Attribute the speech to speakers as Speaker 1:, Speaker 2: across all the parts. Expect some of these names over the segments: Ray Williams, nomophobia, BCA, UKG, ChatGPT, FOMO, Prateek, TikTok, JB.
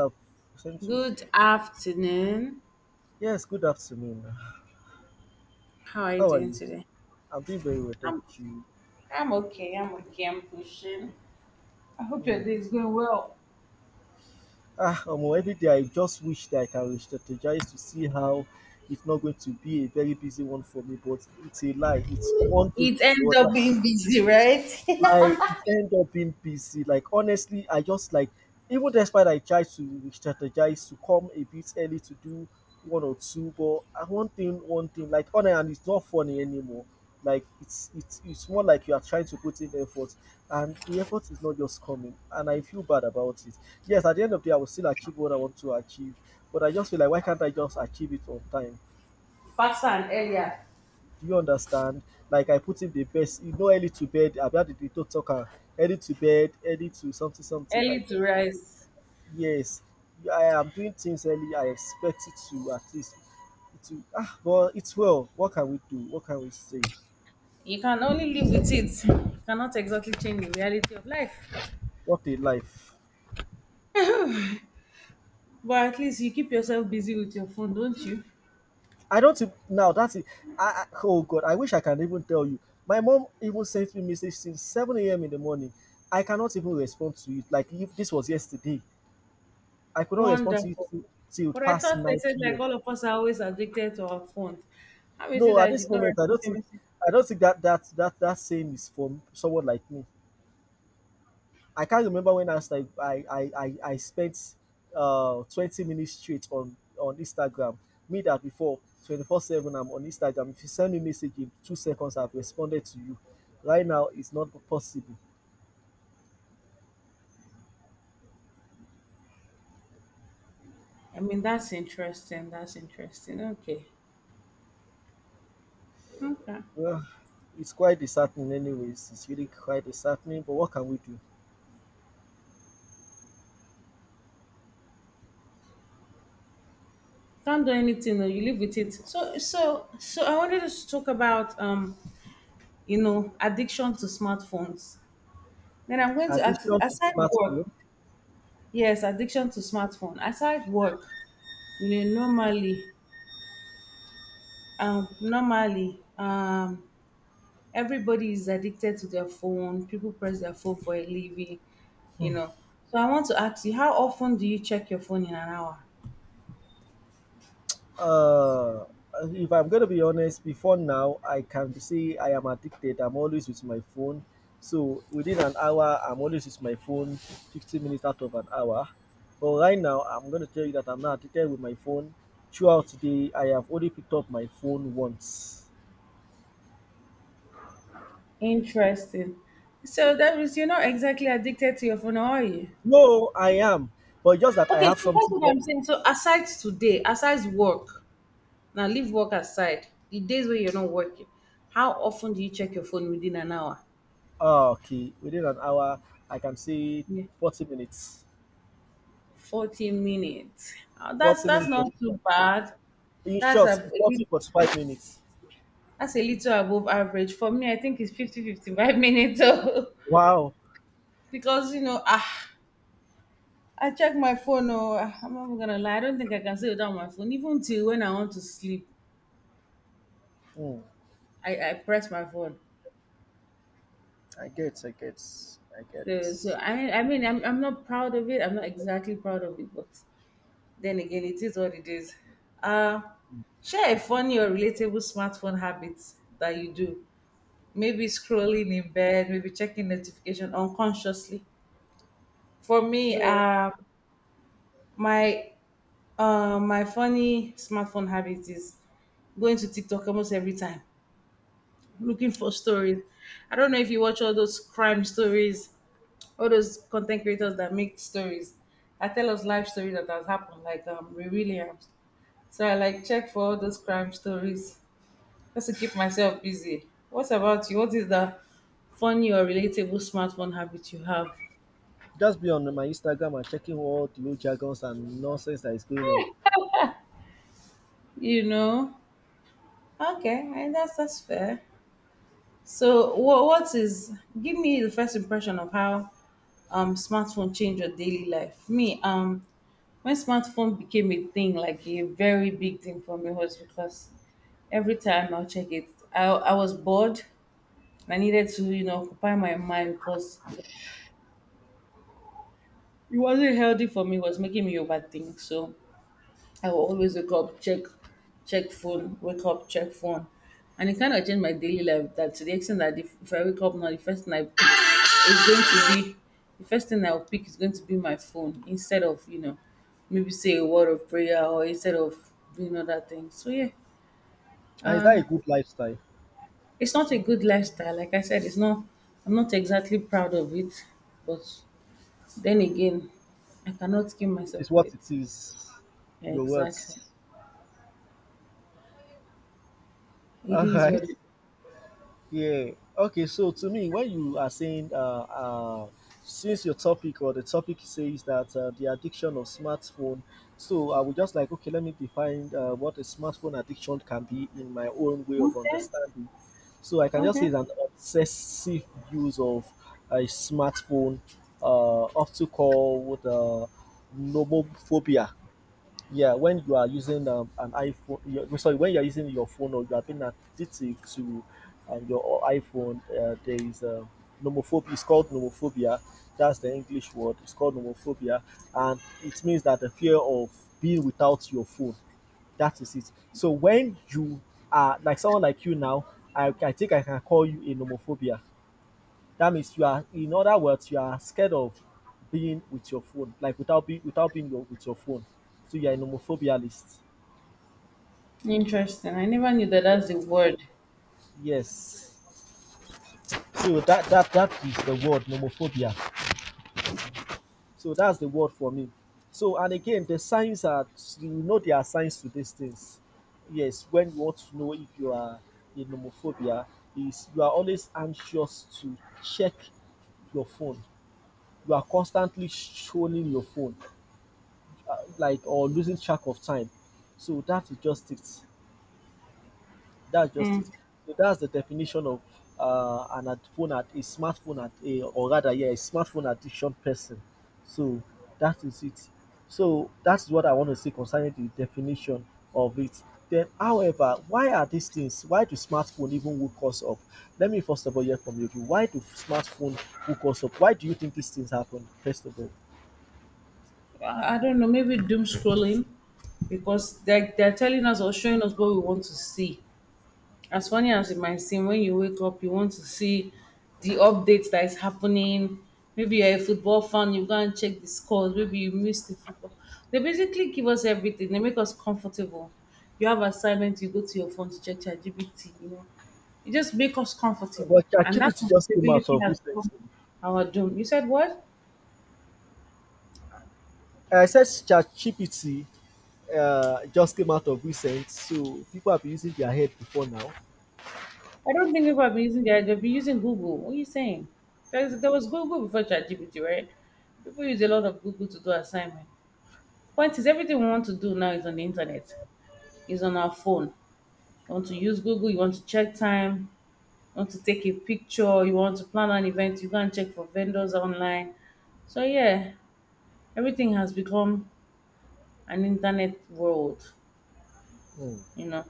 Speaker 1: Have sent you.
Speaker 2: Good afternoon.
Speaker 1: Yes, good afternoon.
Speaker 2: How are you
Speaker 1: How are
Speaker 2: doing
Speaker 1: you?
Speaker 2: today?
Speaker 1: I'm doing very well, thank
Speaker 2: I'm
Speaker 1: you.
Speaker 2: I'm okay. I'm okay. I'm pushing. I hope your
Speaker 1: Hmm.
Speaker 2: day is going well.
Speaker 1: Every day I just wish that I can strategize to see how it's not going to be a very busy one for me, but it's a lie. It's one thing
Speaker 2: It
Speaker 1: with
Speaker 2: ends
Speaker 1: the
Speaker 2: up
Speaker 1: other.
Speaker 2: being busy, right?
Speaker 1: Like it end up being busy. Like honestly, I just like even despite I tried to strategize to come a bit early to do one or two, but I one thing, like on and it's not funny anymore. Like it's more like you are trying to put in effort and the effort is not just coming and I feel bad about it. Yes, at the end of the day I will still achieve what I want to achieve, but I just feel like why can't I just achieve it on time?
Speaker 2: Faster and earlier.
Speaker 1: Do you understand? Like I put in the best, early to bed. I've had the to talker. Early to bed, early to something, something.
Speaker 2: Early
Speaker 1: Like,
Speaker 2: to rise.
Speaker 1: yes, I am doing things early. I expect it to at least to but it's well. What can we do? What can we say?
Speaker 2: You can only live with it. You cannot exactly change the reality of life.
Speaker 1: What a life!
Speaker 2: But at least you keep yourself busy with your phone, don't you?
Speaker 1: I don't think now. That's it. I, oh god, I wish I can even tell you. My mom even sent me message since 7 a.m. in the morning. I cannot even respond to it. Like if this was yesterday, I could not respond to it
Speaker 2: Wonderful.
Speaker 1: till
Speaker 2: But I
Speaker 1: past
Speaker 2: thought they said
Speaker 1: 9
Speaker 2: like
Speaker 1: p.m.
Speaker 2: all of us are always addicted to our phones. How is it
Speaker 1: No, at
Speaker 2: that you
Speaker 1: this
Speaker 2: don't
Speaker 1: moment, I
Speaker 2: recognize
Speaker 1: don't
Speaker 2: your
Speaker 1: think,
Speaker 2: message?
Speaker 1: I don't think that same is for someone like me. I can't remember when I was like, I spent 20 minutes straight on Instagram. Me that before 24/7, I'm on Instagram. If you send me a message in 2 seconds, I've responded to you. Right now, it's not possible.
Speaker 2: I mean, that's interesting. That's interesting. Okay. Okay.
Speaker 1: Well, it's quite disheartening, anyways. It's really quite disheartening. But what can we do?
Speaker 2: Can't do anything though. You live with it. So I wanted us to talk about addiction to smartphones. Then I'm going to ask you,
Speaker 1: Addiction to
Speaker 2: aside work,
Speaker 1: smartphone.
Speaker 2: yes, addiction to smartphone. Aside work, normally um normally um everybody is addicted to their phone. People press their phone for a living, you know. So I want to ask you, how often do you check your phone in an hour?
Speaker 1: Uh, if I'm going to be honest, before now, I can say I am addicted. I'm always with my phone. So within an hour, I'm always with my phone, 15 minutes out of an hour. But right now, I'm going to tell you that I'm not addicted with my phone. Throughout today, I have only picked up my phone once.
Speaker 2: Interesting. So that means you're not exactly addicted to your phone, are you?
Speaker 1: No, I am. But just that I
Speaker 2: Okay,
Speaker 1: have
Speaker 2: so that's
Speaker 1: something
Speaker 2: what
Speaker 1: more.
Speaker 2: I'm saying. So aside today, aside work, now leave work aside. The days where you're not working, how often do you check your phone within an hour?
Speaker 1: Okay, within an hour, I can say
Speaker 2: Yeah,
Speaker 1: 40 minutes.
Speaker 2: 40 minutes. Uh, that's
Speaker 1: 40
Speaker 2: that's
Speaker 1: minutes,
Speaker 2: not
Speaker 1: 45.
Speaker 2: too bad.
Speaker 1: In
Speaker 2: That's
Speaker 1: short,
Speaker 2: a a lit-
Speaker 1: 40, 45 minutes.
Speaker 2: that's a little above average for me. I think it's fifty-fifty-five minutes oh.
Speaker 1: Wow.
Speaker 2: Because I check my phone. Oh, ah, I'm not gonna lie. I don't think I can stay without my phone. Even till when I want to sleep,
Speaker 1: Hmm.
Speaker 2: I press my phone.
Speaker 1: I get, I get, I get
Speaker 2: So, so
Speaker 1: it.
Speaker 2: I mean, I mean, I'm, I'm not proud of it. I'm not exactly proud of it, but then again, it is what it is. Uh, share a funny or relatable smartphone habit that you do. Maybe scrolling in bed, maybe checking notification unconsciously. For me,
Speaker 1: No,
Speaker 2: my my funny smartphone habit is going to TikTok almost every time, looking for stories. I don't know if you watch all those crime stories, all those content creators that make stories. I tell us life story that has happened, like Ray Williams. So I like check for all those crime stories just to keep myself busy. What about you? What is the funny or relatable smartphone habit you have?
Speaker 1: just be on my Instagram and checking all the old jargons and nonsense that is going on.
Speaker 2: You know? Okay, I that's fair. So what is, give me the first impression of how smartphone changed your daily life? Me, when smartphone became a thing, like a very big thing for me was because every time I'll check it. I was bored. I needed to, you know, occupy my mind because it wasn't healthy for me. It was making me overthink. So I will always wake up, check, check phone, wake up, check phone. And it kind of changed my daily life, that to the extent that if I wake up now, the first thing I pick is going to be, the first thing I'll pick is going to be my phone instead of, you know, maybe say a word of prayer or instead of doing other things. So yeah,
Speaker 1: And is that a
Speaker 2: um,
Speaker 1: good lifestyle?
Speaker 2: it's not a good lifestyle. Like I said, it's not, I'm not exactly proud of it. But then again, I cannot kill
Speaker 1: It
Speaker 2: myself
Speaker 1: is
Speaker 2: for
Speaker 1: what
Speaker 2: it.
Speaker 1: it is.
Speaker 2: Yeah,
Speaker 1: Your
Speaker 2: exactly.
Speaker 1: words.
Speaker 2: It
Speaker 1: All
Speaker 2: is
Speaker 1: right.
Speaker 2: what it.
Speaker 1: Yeah. Okay. So to me, when you are saying, since your topic or the topic says that the addiction of smartphone, so I would just like, okay, let me define what a smartphone addiction can be in my own way of
Speaker 2: Okay.
Speaker 1: understanding. So I can just say
Speaker 2: Okay.
Speaker 1: it's an obsessive use of a smartphone, uh, often called nomophobia. Yeah, when you are using an iPhone, you're, sorry, when you are using your phone or you are being addicted to your iPhone, there is nomophobia. It's called nomophobia. That's the English word. It's called nomophobia, and it means that the fear of being without your phone. That is it. So when you are like someone like you now, I think I can call you a nomophobia, that means you are, in other words, you are scared of being with your phone, like without being without being your, with your phone. So you are a nomophobia list.
Speaker 2: Interesting. I never knew that that's the word.
Speaker 1: Yes. So that is the word nomophobia. So that's the word for me. So and again, the signs are, you know, there are signs to these things. Yes, when you want to know if you are a nomophobia, is you are always anxious to check your phone. You are constantly showing your phone. Like or losing track of time. So that is just it. That's just it. So that's the definition of phone at a smartphone at a or rather yeah a smartphone addiction person. So that is it. So that's what I want to say concerning the definition of it. Then, however, why are these things? Why do smartphone even woke us up? Let me first of all hear from you. Why do smartphone woke us up? Why do you think these things happen? First of all,
Speaker 2: I don't know. Maybe doom scrolling because they're telling us or showing us what we want to see. As funny as it might seem, when you wake up, you want to see the updates that is happening. Maybe you're a football fan, you go and check the scores. Maybe you missed the football. They basically give us everything. They make us comfortable. You have assignment, you go to your phone to check ChatGPT. You know. It just make us comfortable.
Speaker 1: but
Speaker 2: And that
Speaker 1: ChatGPT just came out
Speaker 2: comfortability
Speaker 1: of
Speaker 2: has
Speaker 1: recently.
Speaker 2: become our doom. You said what?
Speaker 1: I said ChatGPT just came out of recent, so people have been using their head before now.
Speaker 2: I don't think people have been using that. They've been using Google. What are you saying? There was Google before ChatGPT, right? People use a lot of Google to do assignment. Point is, everything we want to do now is on the internet, is on our phone. You want to use Google, you want to check time, you want to take a picture, you want to plan an event, you go and check for vendors online. So yeah, everything has become an internet world,
Speaker 1: Mm.
Speaker 2: you know.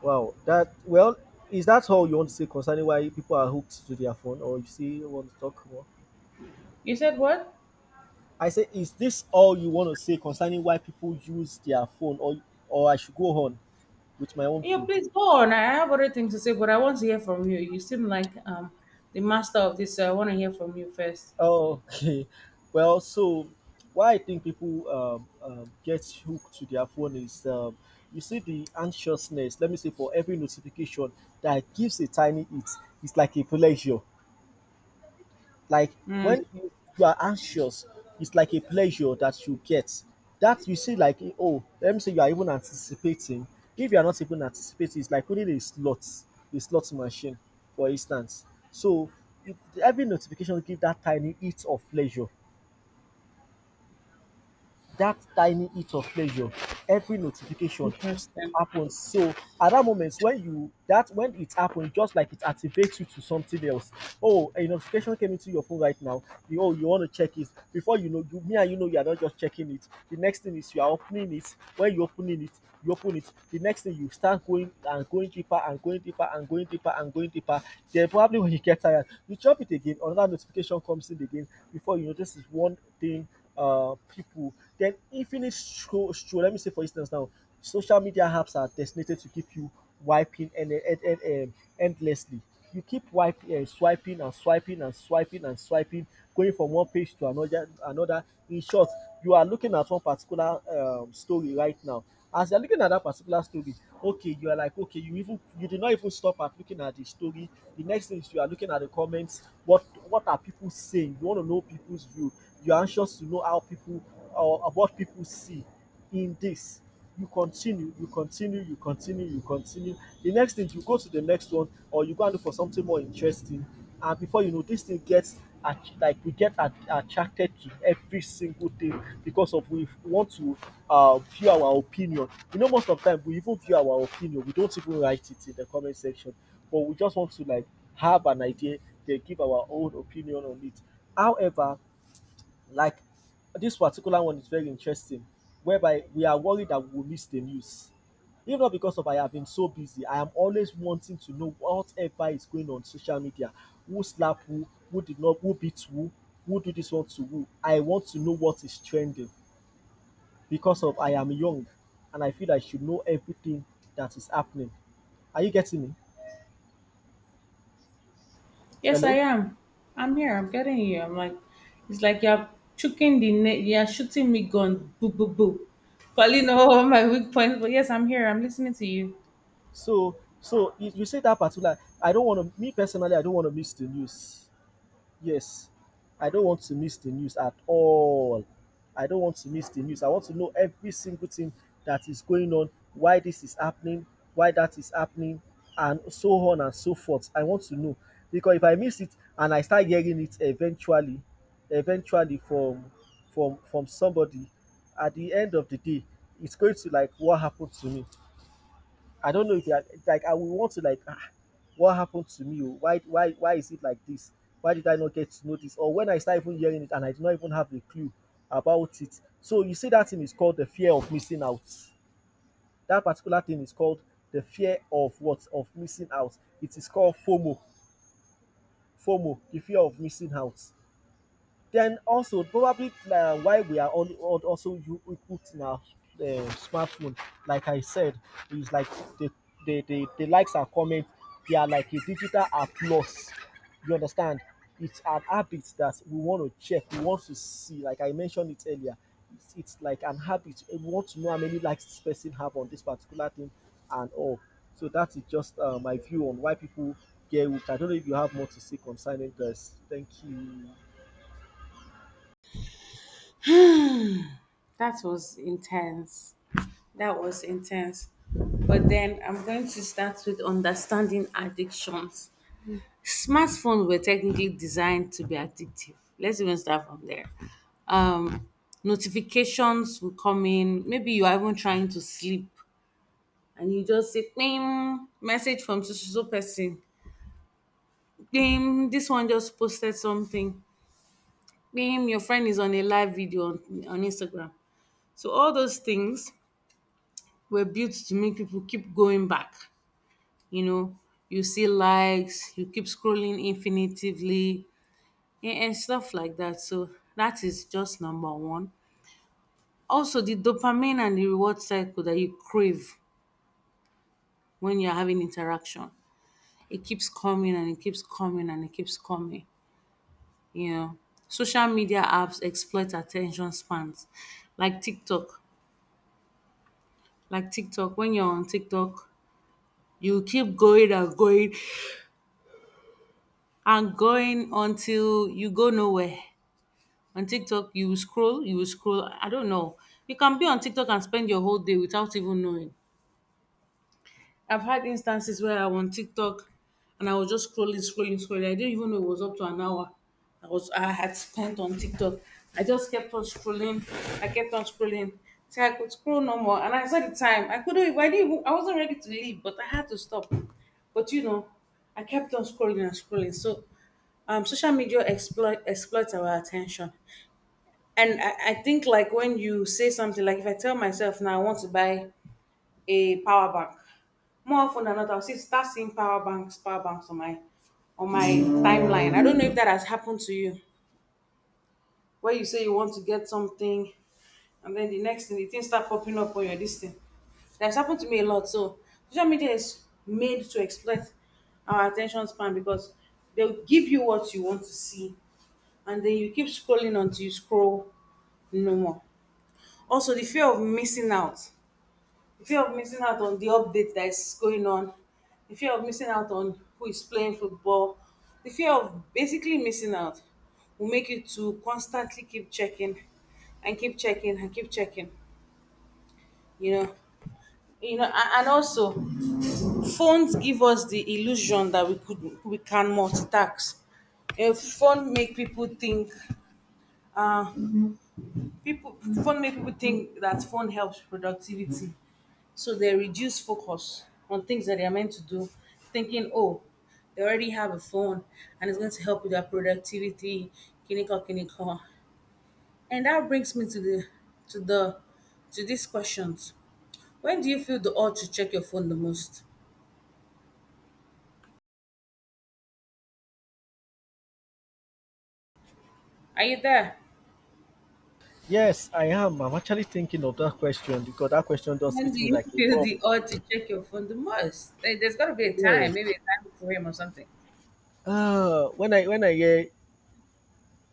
Speaker 1: Wow, that well, is that all you want to say concerning why people are hooked to their phone, or you still want to talk more?
Speaker 2: You said what?
Speaker 1: I say, is this all you want to say concerning why people use their phone, or I should go on with my own
Speaker 2: Yeah,
Speaker 1: view?
Speaker 2: please go on. I have other things to say, but I want to hear from you. You seem like the master of this, so I want to hear from you first.
Speaker 1: Oh, okay. Well, so why I think people get hooked to their phone is you see the anxiousness, let me say, for every notification that gives a tiny hit, it's like a pleasure. Like when you are anxious, it's like a pleasure that you get. That you see, like, oh, let me say you are even anticipating. If you are not even anticipating, it's like winning a slot machine, for instance. So it, every notification give that tiny hit of pleasure, that tiny hit of pleasure every notification
Speaker 2: Interesting.
Speaker 1: happens. So at that moment, when you that when it happens, just like it activates you to something else. Oh, a notification came into your phone right now. You, oh, you want to check it. Before you know, you me and you know you are not just checking it. The next thing is you are opening it. When you opening it, you open it. The next thing, you start going and going deeper and going deeper and going deeper and going deeper. Then probably when you get tired, you chop it again. Another notification comes in again. Before you know, this is one thing. People, then infinite scroll, scroll. Let me say, for instance, now social media apps are designated to keep you wiping and endlessly. You keep wiping and swiping and swiping and swiping and swiping, going from one page to another. Another. In short, you are looking at one particular story right now, as you're looking at that particular story, okay, you are like, okay, you even you did not even stop at looking at the story. The next thing is you are looking at the comments. What are people saying? You want to know people's view. You're anxious to know how people or what people see in this. You continue, you continue, you continue, you continue. The next thing you go to the next one, or you go and look for something more interesting. And before you know, this thing gets at like we get at, attracted to every single thing because of we want to view our opinion. You know, most of the time we even view our opinion, we don't even write it in the comment section, but we just want to like have an idea, they give our own opinion on it. However, like this particular one is very interesting, whereby we are worried that we will miss the news. If not because of I have been so busy, I am always wanting to know whatever is going on social media. Who slap who? Who did not? Who beat who? Who do this one to who? I want to know what is trending because of I am young and I feel I should know everything that is happening. Are you getting me?
Speaker 2: Yes, I
Speaker 1: Hello?
Speaker 2: am. I'm here. I'm getting you. I'm like, it's like you're chucking the net. You're shooting me gun. Boo, boo, boo. Calling all my weak points. But yes, I'm here. I'm listening to you.
Speaker 1: So you say that particular I don't wanna me personally I don't wanna miss the news. Yes, I don't want to miss the news at all. I don't want to miss the news. I want to know every single thing that is going on, why this is happening, why that is happening, and so on and so forth. I want to know because if I miss it and I start hearing it eventually, eventually from somebody, at the end of the day, it's going to like what happened to me. I don't know if you like I will want to like what happened to me? Oh? Why is it like this? Why did I not get to know this? Or when I start even hearing it and I do not even have a clue about it. So you see that thing is called the fear of missing out. That particular thing is called the fear of what? Of missing out. It is called FOMO. FOMO, the fear of missing out. Then also probably why we are all also you put in our smartphone, like I said, is like the the likes and comments, they are like a digital applause. You understand? It's an habit that we want to check, we want to see. Like I mentioned it earlier, it's like an habit. We want to know how many likes this person have on this particular thing and all. So that is just my view on why people get hooked. I don't know if you have more to say concerning this. Thank you.
Speaker 2: That was intense. That was intense. But then I'm going to start with understanding addictions. Smartphones were technically designed to be addictive. Let's even start from there. Um, notifications will come in. Maybe you are even trying to sleep and you just say ping message from so so so person, ping this one just posted something, ping your friend is on a live video on Instagram. So all those things were built to make people keep going back, you know. You see likes, you keep scrolling infinitively, and, stuff like that. So that is just number one. Also the dopamine and the reward cycle that you crave when you're having interaction, it keeps coming and it keeps coming and it keeps coming. Yeah. Social media apps exploit attention spans like TikTok. Like TikTok, when you're on TikTok, you keep going and going and going until you go nowhere. On TikTok, you will scroll, you will scroll. I don't know. You can be on TikTok and spend your whole day without even knowing. I've had instances where I was on TikTok and I was just scrolling, scrolling, scrolling. I didn't even know it was up to an hour I was, I had spent on TikTok. I just kept on scrolling. I kept on scrolling till I could scroll no more. And I saw the time. I couldn't even, I didn't even, I wasn't ready to leave, but I had to stop. But you know, I kept on scrolling and scrolling. So social media exploits our attention. And I think, like, when you say something, like, if I tell myself now I want to buy a power bank. More often than not, I'll see start seeing power banks on my, on my timeline. I don't know if that has happened to you. Where you say you want to get something, and then the next thing the things start popping up on your this thing. That's happened to me a lot. So social media is made to exploit our attention span because they'll give you what you want to see and then you keep scrolling until you scroll no more. Also the fear of missing out, the fear of missing out on the update that is going on, the fear of missing out on who is playing football, the fear of basically missing out will make you to constantly keep checking and keep checking and keep checking, you know. You know, and also phones give us the illusion that we could we can multitask. A phone uh, people make people think that phone helps productivity, so they reduce focus on things that they are meant to do, thinking oh they already have a phone and it's going to help with their productivity. Clinical, clinical. And that brings me to the, to the to these questions. When do you feel the urge to check your phone the most? Are you there?
Speaker 1: Yes, I am. I'm actually thinking of that question because that question does
Speaker 2: When do
Speaker 1: hit me
Speaker 2: you
Speaker 1: like a
Speaker 2: feel
Speaker 1: bomb.
Speaker 2: the urge to check your phone the most? Eh, there's got to be a
Speaker 1: Yeah.
Speaker 2: time, maybe a time frame or something.
Speaker 1: When I hear,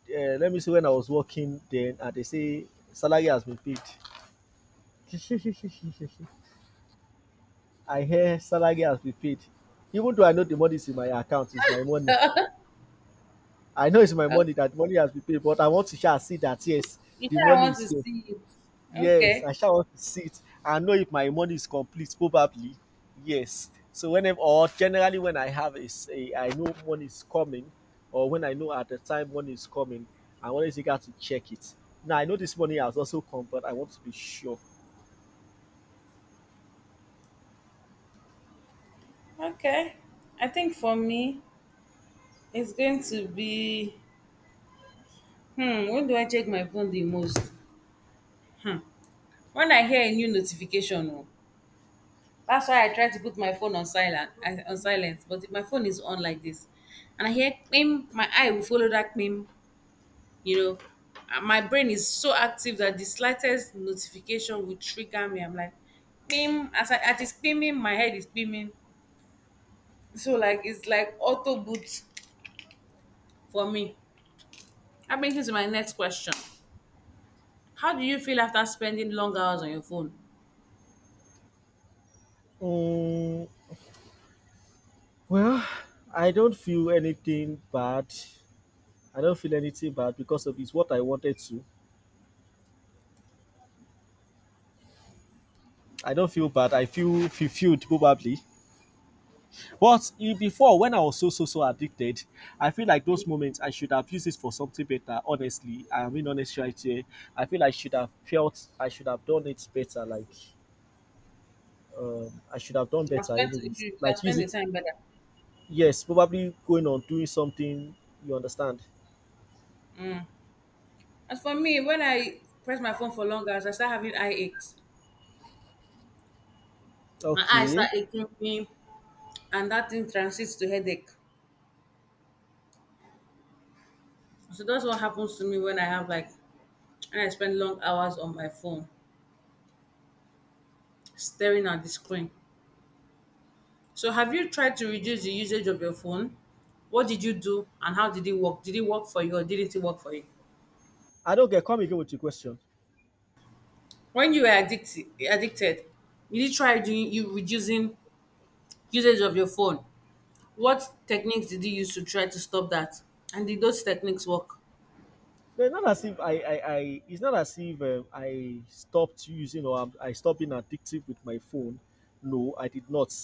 Speaker 1: let me see, when I was working then, and they say salary has been paid. I hear salary has been paid, even though I know the money is in my account, it's my money. I know it's my money that money has been paid, but I want to shall see that yes,
Speaker 2: You
Speaker 1: the
Speaker 2: say I
Speaker 1: money
Speaker 2: want
Speaker 1: is
Speaker 2: to
Speaker 1: here.
Speaker 2: see it.
Speaker 1: Yes,
Speaker 2: Okay.
Speaker 1: I shall want to sit I know if my money is complete probably. Yes. So whenever or generally when I have a s- a- I know money is coming or when I know at the time money is coming, I always eager to check it. Now I know this money has also come, but I want to be sure.
Speaker 2: Okay. I think for me, it's going to be, hmm, when do I check my phone the most? Hmm. When I hear a new notification, oh. That's why I try to put my phone on silent, on silent. But if my phone is on like this and I hear pim, my eye will follow that pim, you know. And my brain is so active that the slightest notification will trigger me. I'm like, pim, as it's pimming, my head is pimming. So like it's like auto boot. For me, that brings me to my next question. How do you feel after spending long hours on your phone?
Speaker 1: Mm, well, I don't feel anything bad. I don't feel anything bad because of it's what I wanted to. I don't feel bad. I feel fulfilled probably. But e before when I was so so so addicted, I feel like those moments I should have used it for something better. Honestly, I mean honestly right here, I feel I should have felt I should have done it better. Like I should have done
Speaker 2: You have
Speaker 1: better,
Speaker 2: spent
Speaker 1: anyways.
Speaker 2: you have
Speaker 1: Like use
Speaker 2: spent the
Speaker 1: it.
Speaker 2: time better.
Speaker 1: Yes, probably going on doing something. You understand?
Speaker 2: As for me, when I press my phone for long hours, I start having eye aches. My eyes start
Speaker 1: Okay.
Speaker 2: aching me, and that thing transits to headache. So that's what happens to me when I have like, when I spend long hours on my phone, staring at the screen. So have you tried to reduce the usage of your phone? What did you do and how did it work? Did it work for you or didn't it work for you?
Speaker 1: I don't get. Come again with your question.
Speaker 2: When you were addicted, did you try doing you reducing usage of your phone? What techniques did you use to try to stop that? And did those techniques work?
Speaker 1: No, it's not as if I it's not as if I stopped using or I'm, I stopped being addictive with my phone. No, I did not.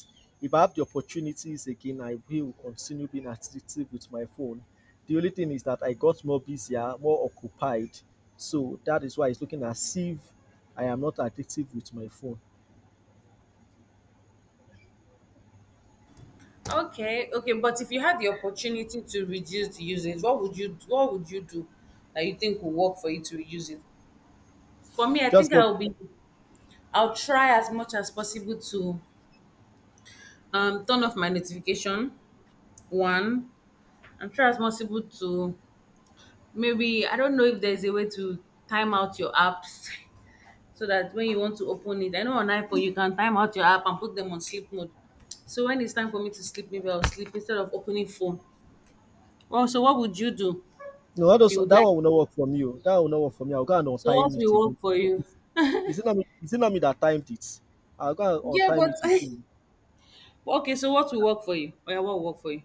Speaker 1: If I have the opportunities again, I will continue being addictive with my phone. The only thing is that I got more busier, more occupied. So that is why it's looking as if I am not addictive with my phone.
Speaker 2: Okay, okay, but if you had the opportunity to reduce the usage, what would you do that you think will work for you to reduce it? For me, I
Speaker 1: Just
Speaker 2: think
Speaker 1: get
Speaker 2: I'll try as much as possible to turn off my notification one, and try as possible to maybe, I don't know if there's a way to time out your apps so that when you want to open it, I know on iPhone you can time out your app and put them on sleep mode. So when it's time for me to sleep, maybe I'll sleep instead of opening phone. Well, so what would you do
Speaker 1: no, that,
Speaker 2: if
Speaker 1: does,
Speaker 2: you would
Speaker 1: that
Speaker 2: like?
Speaker 1: one will not work for me. Oh. That one will not work for me. I'll go and
Speaker 2: So what
Speaker 1: untime it
Speaker 2: will
Speaker 1: again.
Speaker 2: work for you?
Speaker 1: Is is it not me? Is it not me that timed it? I'll go and
Speaker 2: Yeah,
Speaker 1: untime
Speaker 2: but
Speaker 1: it again.
Speaker 2: but okay, so what will work for you? Oh yeah, what will work for you?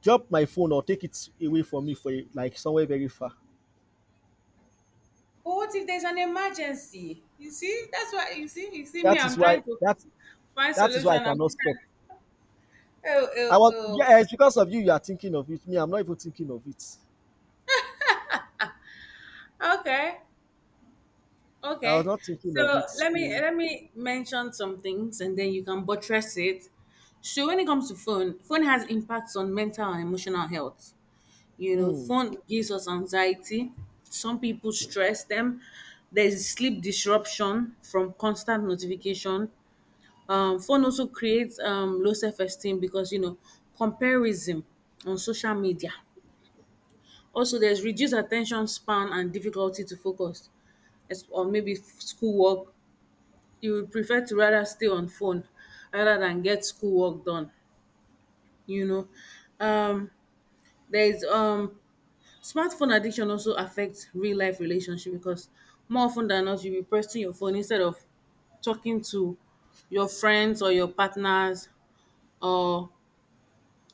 Speaker 1: Drop my phone or take it away from me for a, like somewhere very far.
Speaker 2: What if there's an emergency? You see, that's why, you see me.
Speaker 1: That is
Speaker 2: I'm
Speaker 1: why
Speaker 2: trying to
Speaker 1: that
Speaker 2: find
Speaker 1: that is why
Speaker 2: solution.
Speaker 1: I
Speaker 2: I'm
Speaker 1: cannot stop.
Speaker 2: trying. Oh,
Speaker 1: I was
Speaker 2: oh,
Speaker 1: yeah, it's because of you. You are thinking of it. Me, I'm not even thinking of it.
Speaker 2: oh. Okay.
Speaker 1: I was
Speaker 2: Okay.
Speaker 1: not thinking of
Speaker 2: So
Speaker 1: it.
Speaker 2: let me
Speaker 1: So,
Speaker 2: let me mention some things and then you can buttress it. So when it comes to phone, phone has impacts on mental and emotional health. You know,
Speaker 1: mm,
Speaker 2: phone gives us anxiety. Some people stress them. There's sleep disruption from constant notification. Phone also creates low self-esteem because, you know, comparison on social media. Also, there's reduced attention span and difficulty to focus schoolwork. You would prefer to rather stay on phone rather than get schoolwork done, you know. Um, there is smartphone addiction also affects real life relationship, because more often than not you'll be pressing your phone instead of talking to your friends or your partners or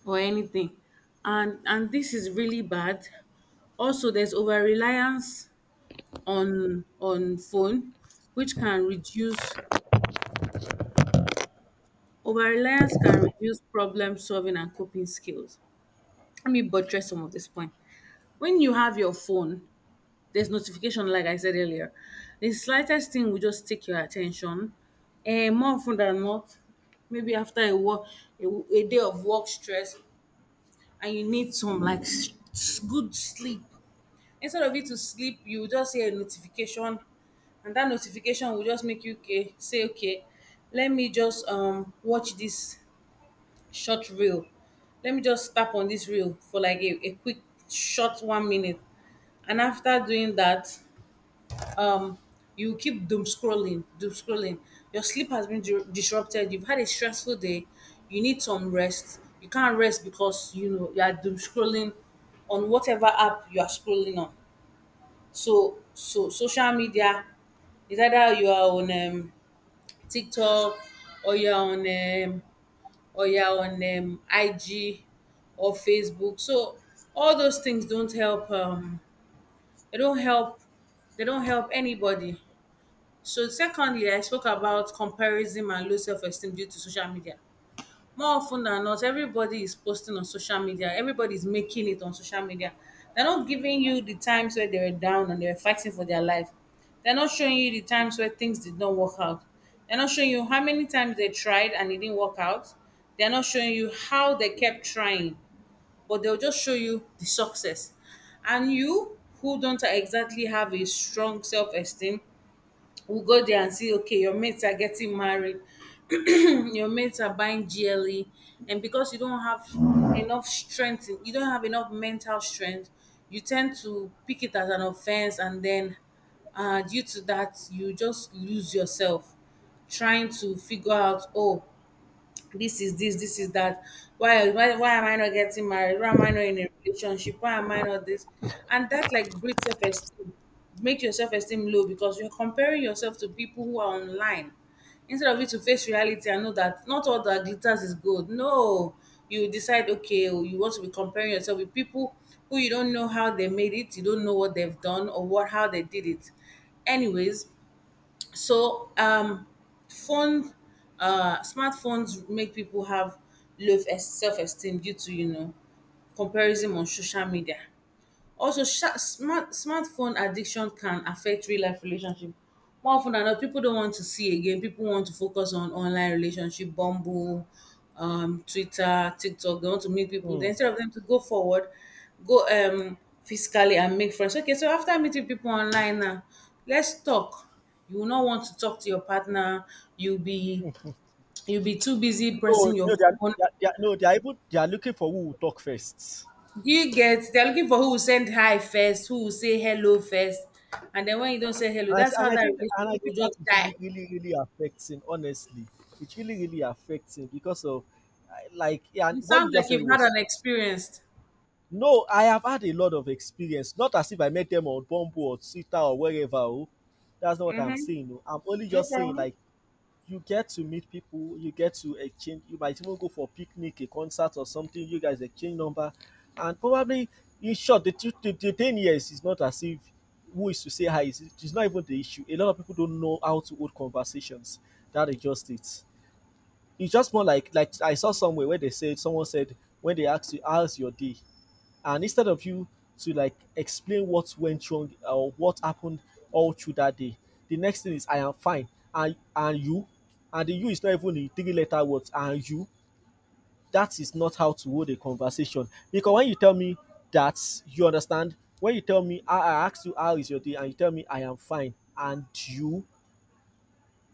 Speaker 2: or anything. And this is really bad. Also there's over reliance on phone which can reduce Over reliance can reduce problem solving and coping skills. Let me buttress some of this point. When you have your phone, there's notification, like I said earlier. The slightest thing will just take your attention. And more often than not, maybe after a work, a, a day of work stress, and you need some like good sleep. Instead of you to sleep, you just hear a notification, and that notification will just make you say, okay, let me just watch this short reel. Let me just tap on this reel for like a quick short 1 minute. And after doing that, um, you keep doom scrolling, doom scrolling. Your sleep has been disrupted. You've had a stressful day. You need some rest. You can't rest because, you know, you are doom scrolling on whatever app you are scrolling on. So social media, is either you are on TikTok or you are on or yeah on ig or facebook. So all those things don't help. They don't help, they don't help anybody. So secondly, I spoke about comparison and low self-esteem due to social media. More often than not, everybody is posting on social media, everybody is making it on social media. They're not giving you the times where they were down and they were fighting for their life. They're not showing you the times where things did not work out. They're not showing you how many times they tried and it didn't work out. They're not showing you how they kept trying, but they'll just show you the success. And you, who don't exactly have a strong self-esteem, we'll go there and see, okay, your mates are getting married, your mates are buying gle, and because you don't have enough strength, you don't have enough mental strength, you tend to pick it as an offense. And then due to that you just lose yourself trying to figure out, oh, this is that. Why am I not getting married? Why am I not in a relationship? Why am I not this? And that like breeds self esteem, make your self esteem low, because you're comparing yourself to people who are online instead of you to face reality and know that not all that glitters is gold. No, you decide, okay, oh, you want to be comparing yourself with people who you don't know how they made it, you don't know what they've done or what how they did it. Anyways, so phone, smartphones make people have low self esteem due to, you know, comparison on social media. Also, sha smart smartphone addiction can affect real life relationship. More often than not, people don't want to see again. People want to focus on online relationship, Bumble, Twitter, TikTok. They want to meet people. Then
Speaker 1: mm.
Speaker 2: instead of them to go forward, go physically and make friends. Okay, so after meeting people online, now let's talk. You will not want to talk to your partner. You'll be you'll be too busy
Speaker 1: No,
Speaker 2: pressing your
Speaker 1: no, they are,
Speaker 2: phone.
Speaker 1: they are, they are, no, they are even they are looking for who will talk first.
Speaker 2: Do you get? They're looking for who will send hi first, who will say hello first, and then when you don't say hello,
Speaker 1: And I,
Speaker 2: that's
Speaker 1: thi-
Speaker 2: how that
Speaker 1: and I
Speaker 2: relationship will
Speaker 1: think
Speaker 2: just
Speaker 1: that is
Speaker 2: die.
Speaker 1: really really really affecting. Honestly, it really really affecting because of I- like yeah, and
Speaker 2: You
Speaker 1: what you
Speaker 2: sound like
Speaker 1: just said
Speaker 2: you've had an
Speaker 1: was
Speaker 2: experience.
Speaker 1: no, I have had a lot of experience. Not as if I met them on Bumble or Twitter or wherever. Oh. That's not what I'm
Speaker 2: Mm-hmm.
Speaker 1: saying. Oh. I'm only
Speaker 2: No
Speaker 1: just saying,
Speaker 2: problem.
Speaker 1: like, you get to meet people, you get to exchange, you might even go for a picnic, a concert or something, you guys exchange number. And probably, in short, the 10 years is not as if who is to say hi. It's not even the issue. A lot of people don't know how to hold conversations. That is just it. It's just more like I saw somewhere where they said, someone said, when they asked you, how's your day? And instead of you to like explain what went wrong or what happened all through that day, the next thing is I am fine and you and the you is not even in three letter words and you that is not how to hold a conversation because when you tell me that you understand when you tell me I ask you how is your day and you tell me I am fine and you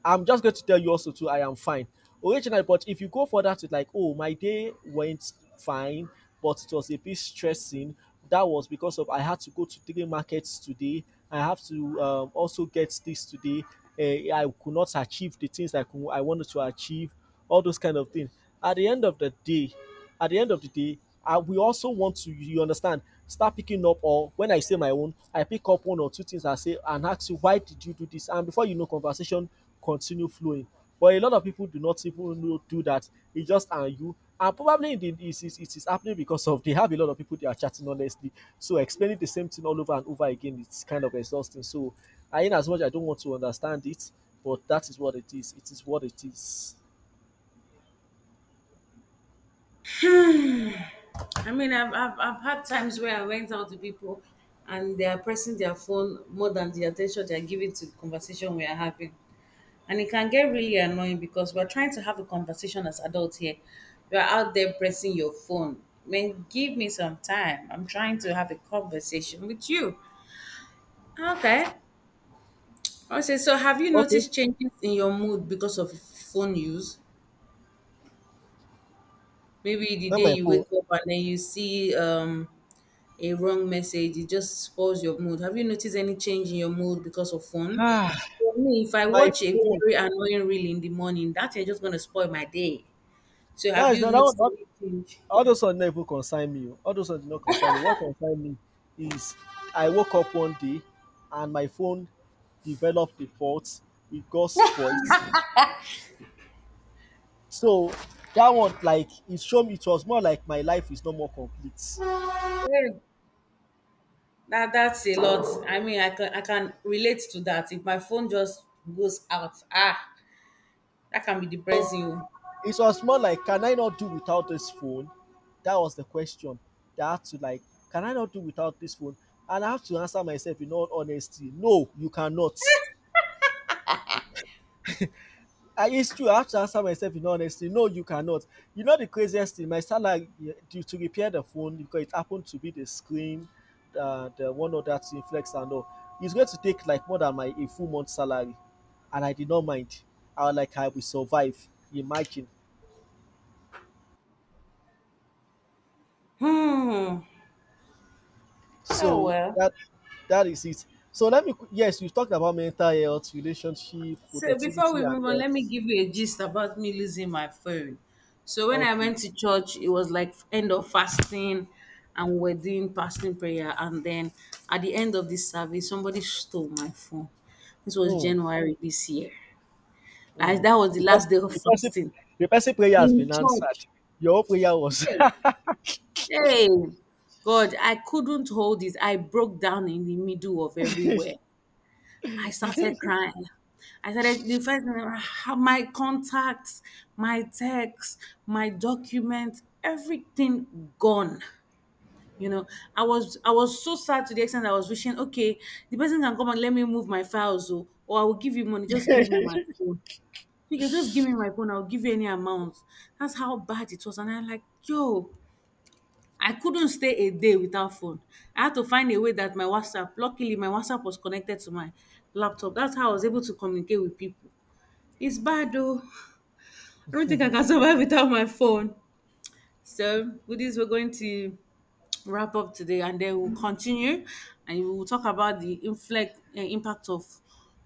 Speaker 1: I'm just going to tell you also too, I am fine. Originally, but if you go for that with like, oh, my day went fine, but it was a bit stressing. That was because of I had to go to three markets today. I have to also get this today. I could not achieve the things I wanted to achieve all those kind of things. At the end of the day, at the end of the day, I, we also want to, you understand, start picking up. Or when I say my own, I pick up one or two things I say and ask you, why did you do this? And before you know, conversation continue flowing. But a lot of people do not even know, do that. It's just and you. And probably it is it is happening because of they have a lot of people they are chatting honestly. So explaining the same thing all over and over again it's kind of exhausting. So I in as much I don't want to understand it, but that is what it is. It is what it is.
Speaker 2: I mean, I've had times where I went out to people, and they are pressing their phone more than the attention they are giving to the conversation we are having, and it can get really annoying because we're trying to have a conversation as adults here. You're out there pressing your phone. Man, give me some time. I'm trying to have a conversation with you. Okay. Okay. So, have you
Speaker 1: Okay.
Speaker 2: noticed changes in your mood because of phone use? Maybe the
Speaker 1: Not
Speaker 2: day
Speaker 1: my
Speaker 2: you
Speaker 1: phone.
Speaker 2: wake up and then you see a wrong message, it just spoils your mood. Have you noticed any change in your mood because of phone?
Speaker 1: Ah,
Speaker 2: For me, if I
Speaker 1: my
Speaker 2: watch a
Speaker 1: phone.
Speaker 2: very annoying reel in the morning, that is just going to spoil my day. So,
Speaker 1: That
Speaker 2: have
Speaker 1: is
Speaker 2: you
Speaker 1: not that one.
Speaker 2: noticed any change?
Speaker 1: All those ones never concern me. Oh. All those ones did not concern me. What concern me is I woke up one day and my phone developed a fault. It got spoilt. So that one, like, it showed me it was more like my life is no more complete.
Speaker 2: Yeah, that that's a lot. I mean, I can relate to that. If my phone just goes out, ah, that can be depressing. Oh.
Speaker 1: It was more like, can I not do without this phone? That was the question. That I had to like, can I not do without this phone? And I have to answer myself in all honesty, no, you cannot. I it's true. I have to answer myself in honesty. No, you cannot. You know the craziest thing. My salary eh, due to repair the phone because it happened to be the screen, the one of that thing, flex and all. It's going to take like more than my a full month salary, and I did not mind. I was like, I will survive. Imagine.
Speaker 2: Hmm. Oh
Speaker 1: So
Speaker 2: well.
Speaker 1: that that is it. So let me. Qu- Yes, you talked about mental health, relationship,
Speaker 2: So before
Speaker 1: productivity,
Speaker 2: we
Speaker 1: and
Speaker 2: move on, let me
Speaker 1: health.
Speaker 2: give you a gist about me losing my phone. So when I
Speaker 1: Okay.
Speaker 2: went to church, it was like end of fasting, and we're doing fasting prayer. And then at the end of this service, somebody stole my phone. This was
Speaker 1: Hmm.
Speaker 2: January this year. Like
Speaker 1: Mm.
Speaker 2: that was the
Speaker 1: The
Speaker 2: last
Speaker 1: person,
Speaker 2: day of
Speaker 1: the person,
Speaker 2: fasting
Speaker 1: the person prayer has
Speaker 2: in
Speaker 1: been
Speaker 2: church.
Speaker 1: answered. Your own prayer was
Speaker 2: Hey, hey. God, I couldn't hold it. I broke down in the middle of everywhere. I started crying. I started, the first thing, how- my contacts, my texts, my documents, everything gone. You know, I was so sad to the extent I was wishing, okay, the person can come and let me move my files, or I will give you money. Just give me my phone. You can just give me my phone. I'll give you any amount. That's how bad it was, and I'm like, yo, I couldn't stay a day without phone. I had to find a way that my WhatsApp, luckily my WhatsApp was connected to my laptop. That's how I was able to communicate with people. It's bad though. I don't think I can survive without my phone. So with this, we're going to wrap up today and then we'll continue and we'll talk about the impact of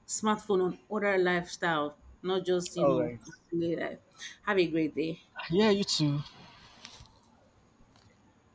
Speaker 2: smartphone on other lifestyle, not just, you
Speaker 1: all
Speaker 2: know,
Speaker 1: right.
Speaker 2: daily life. Have a great day.
Speaker 1: Yeah, you too.